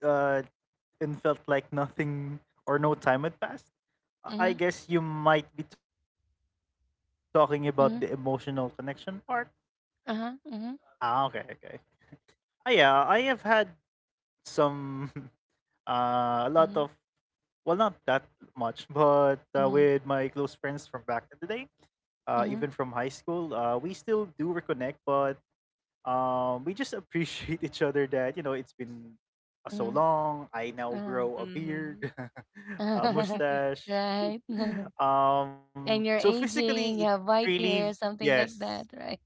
uh, and felt like nothing or no time had passed, mhm, I guess you might be talking about mhm, the emotional connection part. uh-huh, mhm, Ah, okay, okay. Ah, yeah, I have had some a mhm, lot of. Well, not that much, but mhm, with my close friends from back in the day, mhm, even from high school, we still do reconnect, but we just appreciate each other that, you know, it's been mhm, so long. I uh-huh. now grow a hmm beard, a mustache. Right. And you're So aging, you physically, it have white really, hair, something like yes. that, right?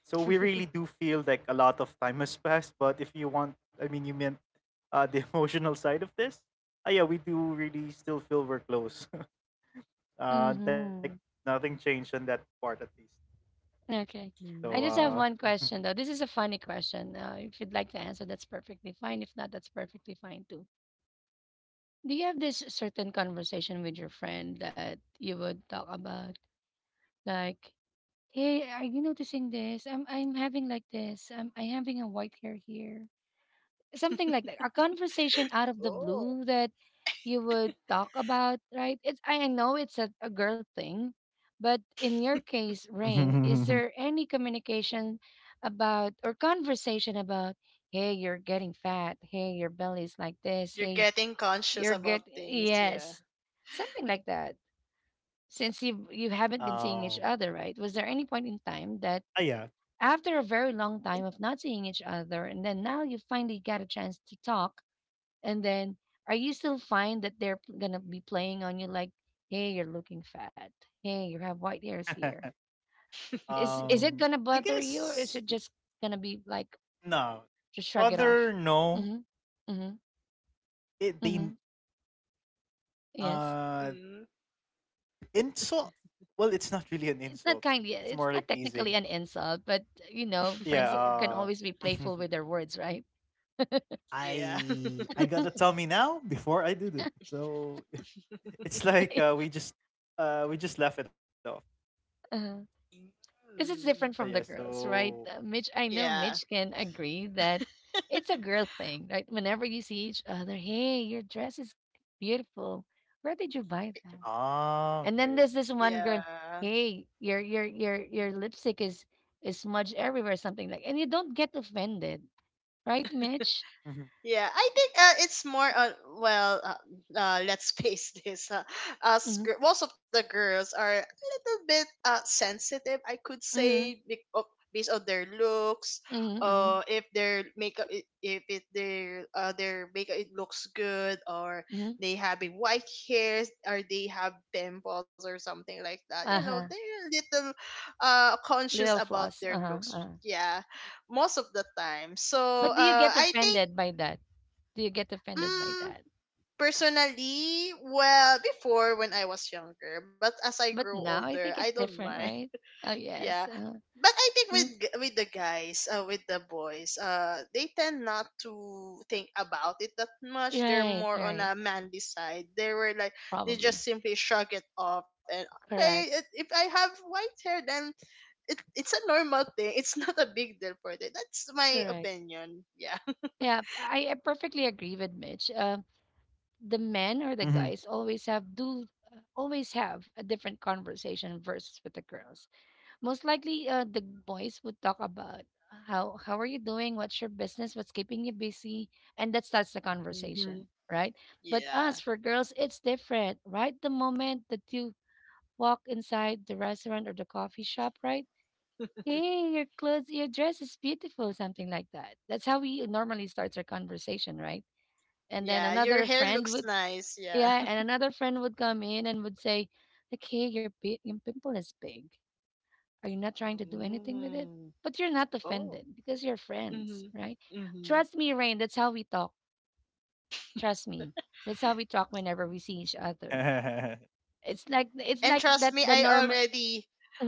So we really do feel like a lot of time has passed. But if you want, I mean, you meant the emotional side of this. Yeah, we do really still feel we're close. Like Mm-hmm. nothing changed on that part at least. Okay. So I just have one question though. This is a funny question. If you'd like to answer, that's perfectly fine. If not, that's perfectly fine too. Do you have this certain conversation with your friend that you would talk about? Like, hey, are you noticing this? I'm having like this. I'm having a white hair here. Something like that, a conversation out of the Oh, blue that you would talk about, right? It's I know it's a girl thing, but in your case, Rain, is there any communication about or conversation about, hey, you're getting fat, hey, your belly is like this, you're hey, getting conscious you're about get, things, yeah. yes, something like that. Since you haven't been seeing Um, each other, right, was there any point in time ah, that yeah. after a very long time of not seeing each other and then now you finally got a chance to talk, and then, are you still fine that they're gonna be playing on you like, "Hey, you're looking fat. Hey, you have white hairs here." I, Is it um, gonna I bother you, or is guess it just gonna be like no, just shrug it off? father, no. Mm-hmm. Mm-hmm. It they Mm-hmm. Yes. uh hmm insult. Well, it's not really an It's insult. not kind. It's Yeah, more it's like not teasing. technically an insult, but friends can Yeah. always be Uh, playful with their words, right? Yeah. I got a tummy now before I did it. So it's like we just laugh it off. Uh-huh. Because it's Mm. Yeah. different from the girls, So right? Mitch, I know Yeah. Mitch can agree that it's a girl thing, right? Whenever you see each other, hey, your dress is beautiful. Where did you buy that? ah And then okay. there's this one girl, Yeah. hey, your lipstick is smudged everywhere, something like. And you don't get offended, right, Mitch? Mhm. Yeah, I think it's more on well, let's face this. Uh, us Mm-hmm. gir- most of the girls are a little bit sensitive, I could Mm-hmm. say, of, based on their looks. Mm-hmm. Uh, if it their makeup it looks good, or Mm-hmm. They having white hairs, or they have pimples or something like that. You know, Uh-huh. they're a little conscious Little about flaws. their Uh-huh. looks. Uh-huh. Yeah, most of the time. So But do you get I think. offended by that? Do you get offended by Mm, that? personally, well, before when I was younger, but as I But grow now I older, think I it's don't different, mind. right? Oh Yeah. yes, But I think with mm, with the guys, with the boys, they tend not to think about it that much. They're right, more on right, a manly side. They were like they just probably, simply shrug it off and okay, correct, if I have white hair, then it's a normal thing. It's not a big deal for them. That's my correct. opinion. Yeah, Yeah, I perfectly agree with Mitch. The men or the Mhm. guys always have do always have a different conversation versus with the girls. Most likely, the boys would talk about how are you doing, what's your business, what's keeping you busy, and that starts the hmm conversation, right? But yeah. us for girls, it's different, right? The moment that you walk inside the restaurant or the coffee shop, right? Hey, your clothes, your dress is beautiful, something like that. That's how we normally start our conversation, right? And then Yeah, your another hair friend looks would, nice. Yeah. yeah, and another friend would come in and would say, like, hey, your pimple is big. Are you not trying to do anything with it? Mm. But you're not Oh. offended because you're friends, Mhm. right? Mhm. Trust me, Rain, that's how we talk. Trust me. That's how we talk whenever we see each other. And It's like trust me, that, I the normal. already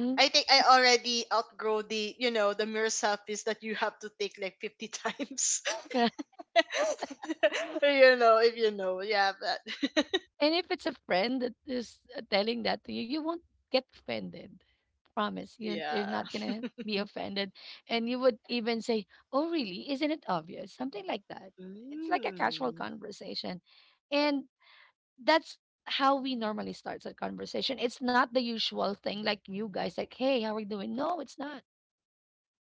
I think I already outgrow the, you know, the mirror selfies that you have to take like 50 times. you know, if you know. Yeah, but And if it's a friend that is telling that to you, you won't get offended. Promise. You're yeah. not going to be offended. And you would even say, oh, really? Isn't it obvious? Something like that. It's like a casual Mm. conversation. And that's how we normally start a conversation. It's not the usual thing like you guys, like, hey, how are you doing? No, it's not.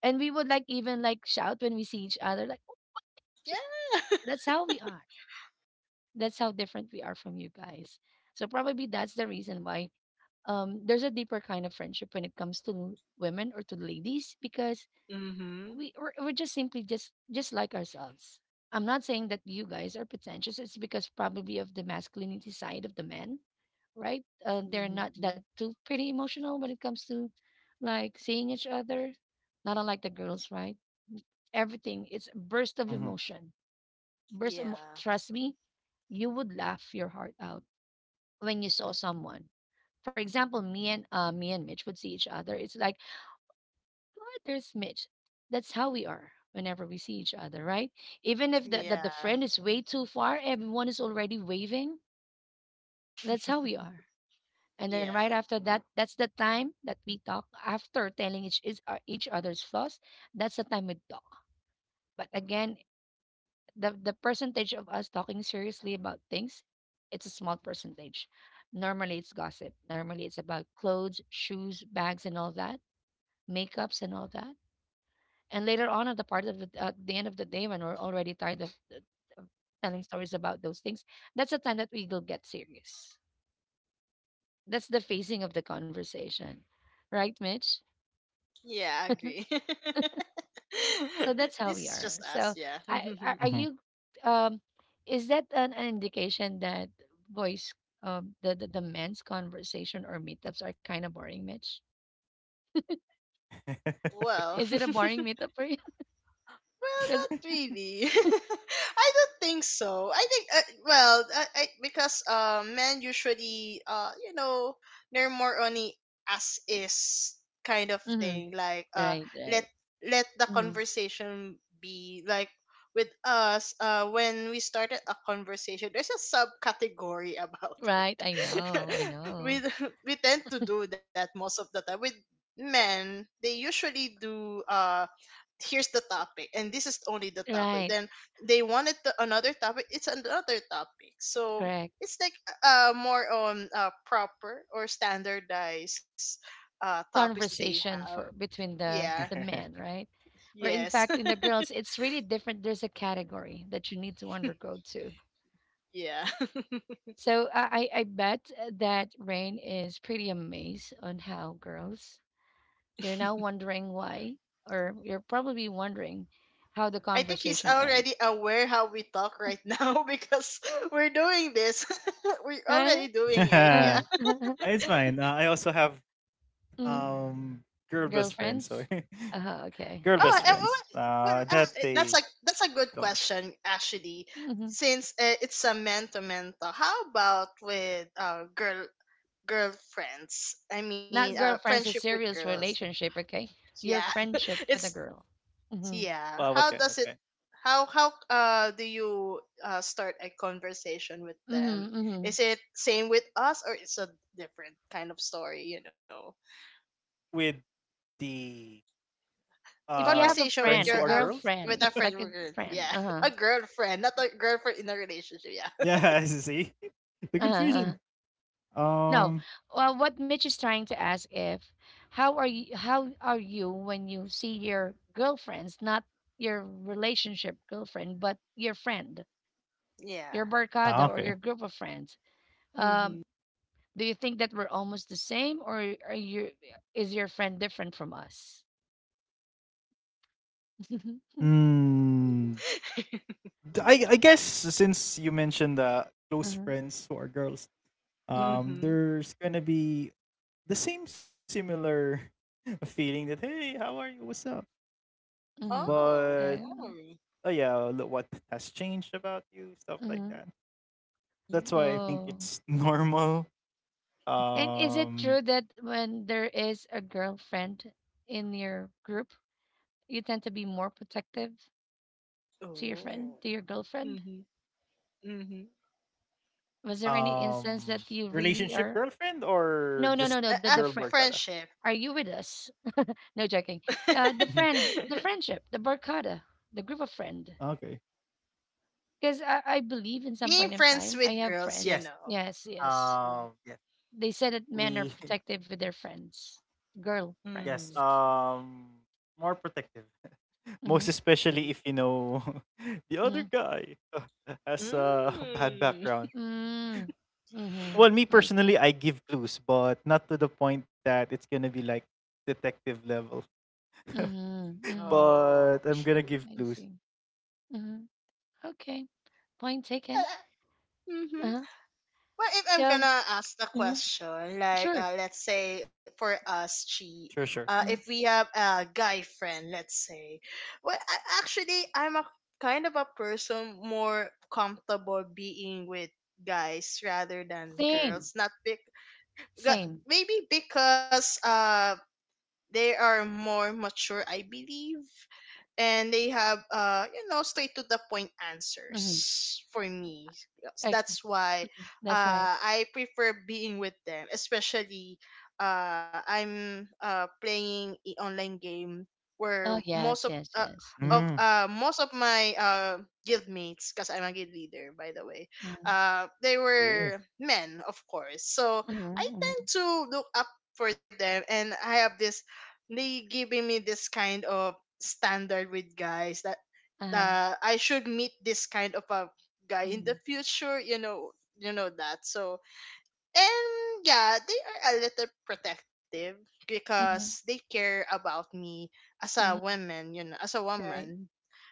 And we would like even like shout when we see each other, like, "Oh, she- Yeah. that's how we are." That's how different we are from you guys. So probably that's the reason why there's a deeper kind of friendship when it comes to women or to ladies because Mhm. We're just simply just like ourselves. I'm not saying that you guys are pretentious. It's because probably of the masculinity side of the men, right? They're not Mhm. that too pretty emotional when it comes to like seeing each other. Not unlike the girls, right? Everything, it's a burst of Mhm. emotion, burst of, Yeah. trust me, you would laugh your heart out when you saw someone. For example, me and Mitch would see each other. It's like, oh, there's Mitch. That's how we are whenever we see each other, right? Even if the Yeah. friend is way too far, everyone is already waving. That's how we are. And then right Yeah. after that, that's the time that we talk. After telling each other's flaws, that's the time we talk. But again, the percentage of us talking seriously about things, it's a small percentage. Normally it's gossip. Normally it's about clothes, shoes, bags, and all that, makeups and all that. And later on at the part of the at the end of the day when we're already tired of, of telling stories about those things, that's the time that we will get serious. That's the phasing of the conversation, right, Mitch? Yeah, I agree. So that's how This we is are. just us, So yeah. Are Mhm. you um is that an indication that boys the men's conversation or meetups are kind of boring, Mitch? Well, Is it a boring meetup for you? well, Because not really. I don't think so. I think well, because men usually you know, they're more on a as is kind of mm-hmm, thing. Like right, let right, let the mhm, conversation be like with us. When we started a conversation, there's a subcategory about it. right, I know, I we know. we tend to do that most of the time with men. They usually do here's the topic and this is only the topic, Right, then they wanted the, another topic, it's another topic, so correct. it's like more on proper or standardized topics that they Conversation have. for between Yeah, the men, right? Or in yes. fact, in the girls, it's really different. There's a category that you need to undergo to. Yeah. So I bet that Rain is pretty amazed on how girls. You're now wondering why, or you're probably wondering how the I think he's conversation ends, already aware how we talk right now because we're doing this. We're right? already doing it, Uh, yeah. It's fine. I also have mm, um girl best friends. So girlfriends. Okay, girl I Oh, best see. friends. well, That that's they like that's a good tell me. question actually, Hmm. since it's a man to man talk. How about with girlfriends? I mean, Not friendship girlfriends, a with serious girls. relationship. Okay, Yeah, your friendship with it's a girl. Mm-hmm. yeah. Well, what How kind? does What it? kind? How do you start a conversation with them? Mm-hmm, mm-hmm. Is it same with us or it's a different kind of story? You know. With the If you uh have a Conversation with friends friend, who a your are girls. with girlfriend, a friend like a or girl. friend. Yeah, Uh huh. a girlfriend, not a girlfriend in a relationship. Yeah, Yeah, see, the Uh huh. confusion. No. Um, Well, what Mitch is trying to ask if how are you when you see your girlfriends, not your relationship girlfriend, but your friend, yeah. your Ah, barkada or okay. your group of friends? Um, Mhm. do you think that we're almost the same, or are you is your friend different from us? Mm, I guess since you mentioned close Mm-hmm, friends who are girls, mm-hmm, Mhm. there's gonna be the same similar feeling that hey, how are you? What's up? mm-hmm. But Oh. Oh. oh yeah, look what has changed about you, stuff like Mhm. that. That's why I Mm. think Oh. it's normal. And is it Um, true that when there is a girlfriend in your group, you tend to be more protective? To your friend, to Oh. your girlfriend? Mhm. Mhm. Was there any instance um, that you really Relationship are? girlfriend or No, no, just no, no. The A girl friend. barkada. friendship. Are you with us? No joking. The friend, the friendship, the barkada, the group of friend. Okay. Because I believe in some Being point in friends time, I with have girls, you friends. Yes. know. Yes, yes. Mm. Yes. They said that men are We. protective with their friends, girl Mhm. Yes. friends. More protective. Mm-hmm. Most especially Mm. if you know the Mm-hmm. other guy has a bad Mm. background. Mm, mm-hmm. Well, me I see. personally, I give clues, but not to the point that it's gonna be like detective level. Mm-hmm. Mm-hmm. But Oh. I'm gonna give I clues. see. Mm-hmm. Okay. Point taken. Mhm. Uh-huh. Well, if I'm So, gonna ask the mhm. question, like Sure. Let's say for us, she, Sure. Sure. If Mhm. we have a guy friend, let's say, well, actually, I'm a kind of a person more comfortable being with guys rather than Same, girls. Not big, same. maybe because they are more mature, I believe, and they have you know straight to the point Mhm. answers for me. Yes, Okay. that's why Mhm. That's right. I prefer being with them, especially I'm playing an online game where Oh, most yes, of yes, yes. Mhm. Mm. Most of my guildmates, because I'm a guild leader by the way, Mhm. They Ooh. were men of course. So I Mhm. tend Mhm. to look up for them, and I have this they giving me this kind of standard with guys that Uh-huh. I should meet this kind of a guy in the Mhm. future, you know that. So and yeah, they are a little protective because Mhm. they care about me as a Mhm. woman, you know, as a Right. woman,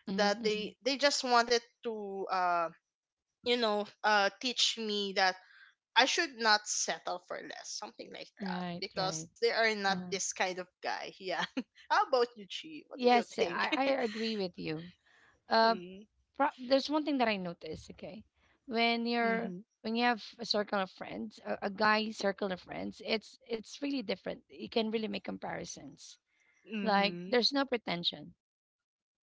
Mhm. that Mhm. They just wanted to you know teach me that I should not settle for less, something like that, Right, right. because they are not Uh-huh. this kind of guy. Yeah. How about you, Chi? What do you Yes, think? I agree with you. Uh, Mm-hmm. pro There's one thing that I noticed, okay? When you're when you have a circle of friends, a guy circle of friends, it's really different. You can really make comparisons. Like Mm-hmm. there's no pretension,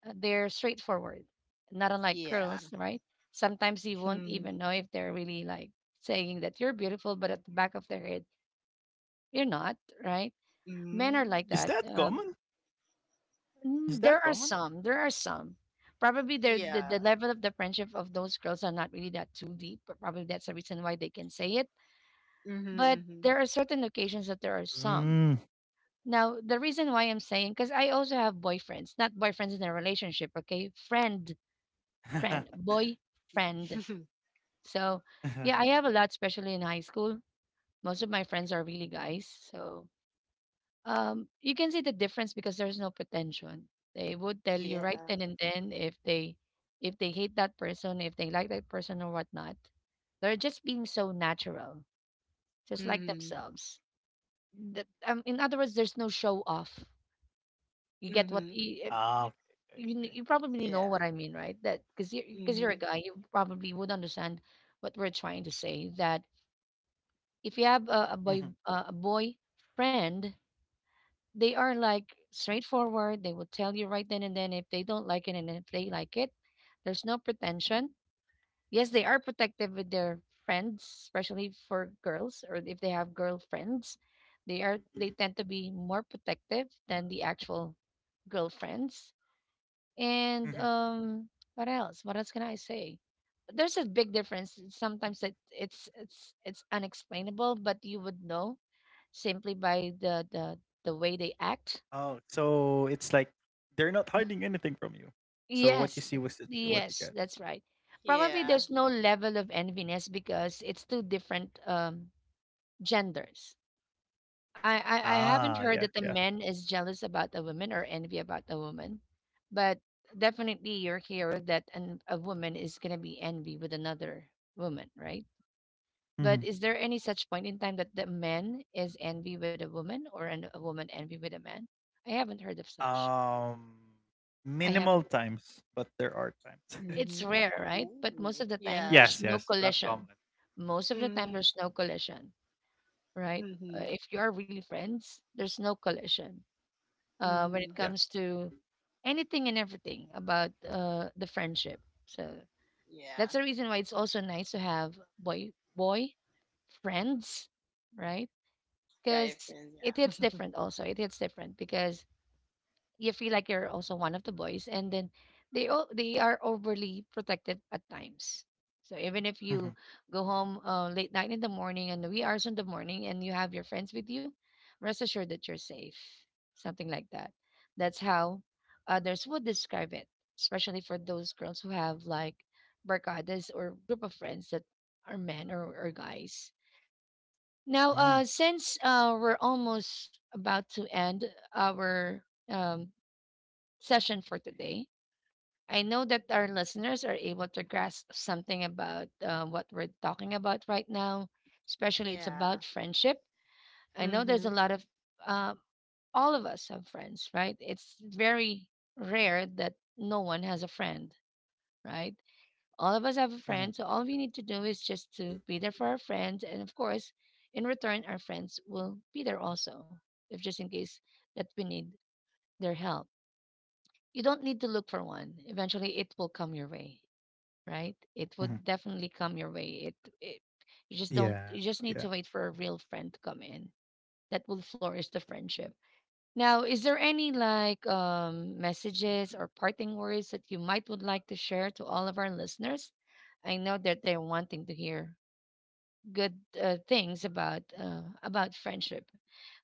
they're straightforward, not unlike Yeah. girls, right? Sometimes you won't Mm-hmm. even know if they're really like saying that you're beautiful, but at the back of their head, you're not, right? Men are Is like that that. common? Is that Mm, common? there are some, there are some. Probably the Yeah. level of the friendship of those girls are not really that too deep, but probably that's the reason why they can say it. Mm-hmm. But Mm-hmm. there are certain occasions that there are some. Mm. Now, the reason why I'm saying, because I also have boyfriends, not boyfriends in a relationship, okay? Friend, friend, boy, friend. So, yeah, I have a lot, especially in high school. Most of my friends are really guys. So, you can see the difference because there's no pretension. They would tell you right then Yeah. and then if they hate that person, if they like that person or whatnot. They're just being so natural, just like Mm-hmm. themselves. That, in other words, there's no show off. You get what Mm-hmm. Ah. Okay. Okay. Okay. you you probably know Yeah. what I mean, right? That because you're a Mm-hmm. guy, you probably would understand what we're trying to say. That if you have Mhm, a boy friend, they are like straightforward. They will tell you right then and then if they don't like it and if they like it. There's no pretension. Yes, they are protective with their friends, especially for girls, or if they have girlfriends, they are, they tend to be more protective than the actual girlfriends. And mhm. um, what else, what else can I say? There's a big difference. Sometimes it, it's unexplainable, but you would know simply by the way they act. Oh, so it's like they're not hiding anything from you. So what you Yes, see it- was the- what you yes, get. that's right. Probably Yeah. there's no level of enviness because it's two different genders. I haven't Ah, heard yeah, that the yeah. man is jealous about a woman or envy about a woman, but definitely you're here that a woman is gonna be envy with another woman, right? But Hmm. is there any such point in time that the man is envy with a woman or a woman envy with a man? I haven't heard of such. Um, I Minimal haven't. times, but there are times. It's Mm-hmm. rare, right? But most of Ooh. the time, Yeah. there's Yes, no yes, not common. collision. Most of the time, Mm-hmm. there's no collision, right? Mm-hmm. If you are really friends, there's no collision when Mm-hmm. it Yeah. comes to anything and everything about the friendship. So that's Yeah. the reason why it's also nice to have boy friends, right? Got your Because friends. it hits different. Also, it hits different because you feel like you're also one of the boys, and then they are overly protected at times, so even if Hmm. you go home late night in the morning and wee hours in the morning and you have your friends with you, rest assured that you're safe. Something like that, that's how others would describe it, especially for those girls who have like barcadas or group of friends that are men or guys. Now Hmm. Since we're almost about to end our um session for today. I know that our listeners are able to grasp something about what we're talking about right now, especially it's about Yeah. friendship. I Yeah. know there's a Mm-hmm. lot of, uh, all of us have friends, right? It's very rare that no one has a friend, right? All of us have a Hmm. friend, so all we need to do is just to be there for our friends. And of course, in return, our friends will be there also, if just in case that we need their help. You don't need to look for one. Eventually, it will come your way, right? It Hmm. would definitely come your way. It, you just don't Yeah, you just need yeah. to wait for a real friend to come in that will flourish the friendship. Now, is there any like messages or parting words that you might would like to share to all of our listeners? I know that they're wanting to hear good things about friendship.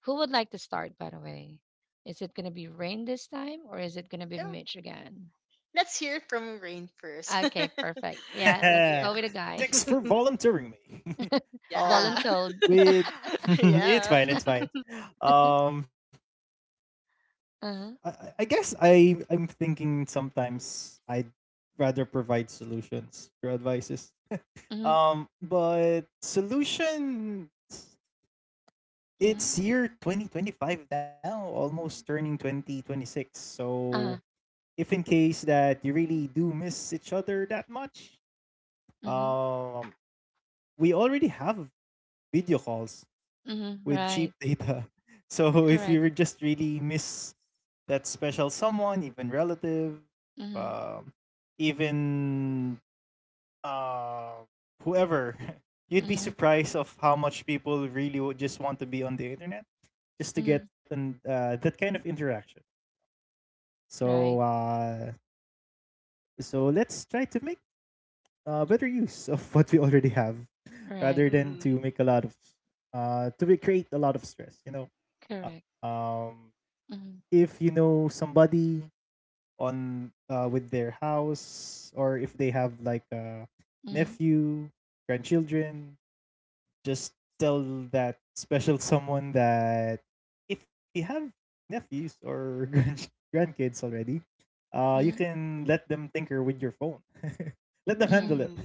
Who would like to start? By the way, is it going to be Rain this time, or is it going to be Oh, Mitch again? let's hear from Rain first. Okay, perfect. Yeah, let's Yeah. go with a guy. Thanks for volunteering me. um, Yeah. Voluntold. with It's Yeah. fine, it's fine. Um, Uh-huh. I guess I'm thinking sometimes I'd rather provide solutions or advices. Mm-hmm. But solutions, Mm-hmm. it's year 2025 now, almost turning 2026. So Uh-huh. if in case that you really do miss each other that much, Mm-hmm. um, we already have video calls Mm-hmm. with cheap Right. data. So if Correct. you just really miss that special someone, even relative, Mm-hmm. um, even uh, whoever. You'd be Mm-hmm. surprised of how much people really would just want to be on the internet just to Mm-hmm. get an, that kind of interaction. So Right. uh, so let's try to make better use of what we already have, Right. rather than to make a lot of create a lot of stress. You know, Correct. um, Mm-hmm. if you know somebody on with their house or if they have like a Mm-hmm. nephew, grandchildren, just tell that special someone that if you have nephews or grandkids already, you Mm-hmm. can let them tinker with your phone, let them Mm-hmm. handle it, Mm-hmm.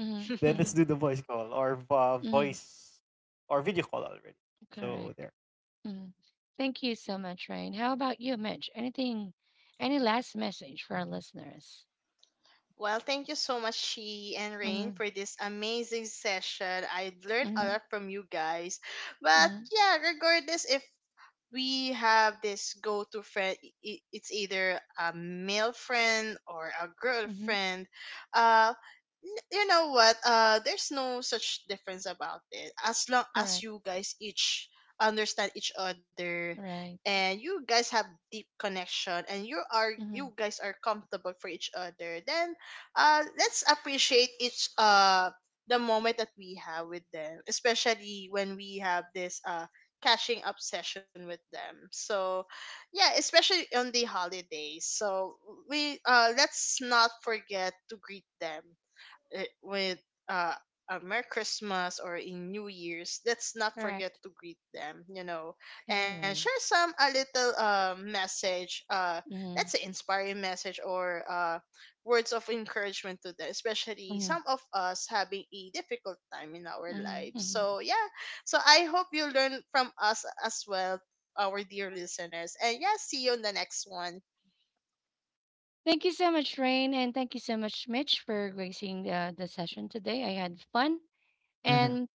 Mm-hmm. then Mm-hmm. let's do the voice call or Mm-hmm, voice or video call already. So correct. there. Mm-hmm. Thank you so much, Rain. How about you, Mitch? Anything, any last message for our listeners? Well, thank you so much, Chi and Rain, Mm-hmm. for this amazing session. I learned a Mm-hmm. lot from you guys. But Mm-hmm. yeah, regardless if we have this go-to friend, it's either a male friend or a Mm-hmm. girlfriend. Uh, you know what? There's no such difference about it. As long as Correct. you guys each understand each other Right. and you guys have deep connection and Mm-hmm. you guys are comfortable for each other, then let's appreciate each the moment that we have with them, especially when we have this catching up session with them. So yeah, especially on the holidays, so we let's not forget to greet them it, with uh, a Merry Christmas or a New Year's, let's not Correct. forget to greet them, you know, and Correct. share some a little message, Mm-hmm. let's say inspiring message or words of encouragement to them, especially Mm-hmm, some of us having a difficult time in our mhm, lives. mhm. So yeah, so I hope you learn from us as well, our dear listeners, and yeah, see you in the next one. Thank you so much, Rain, and thank you so much, Mitch, for gracing the session today. I had fun. Mm-hmm, And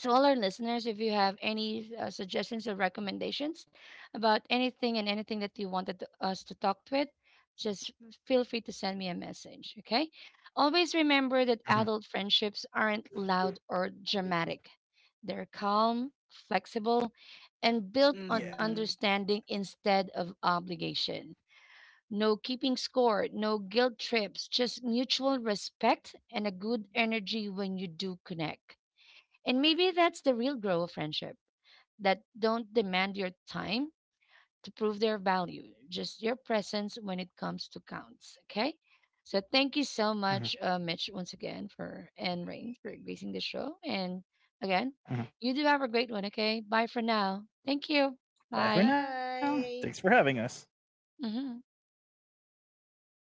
to all our listeners, if you have any suggestions or recommendations about anything and anything that you wanted us to talk with, just feel free to send me a message. Okay. Always remember that hmm, adult friendships aren't loud or dramatic, they're calm, flexible, and built on yeah, Mm-hmm. understanding instead of obligation. No keeping score, no guilt trips, just mutual respect and a good energy when you do connect. And maybe that's the real grow of friendship that don't demand your time to prove their value, just your presence when it comes to counts. Okay. So thank you so mm-hmm, much, Mitch, once again for and Rain for gracing the show. And again, hmm. you do have a great one. Okay. Bye for now. Thank you. Bye for Bye. now. Thanks for Bye. having us. Hmm.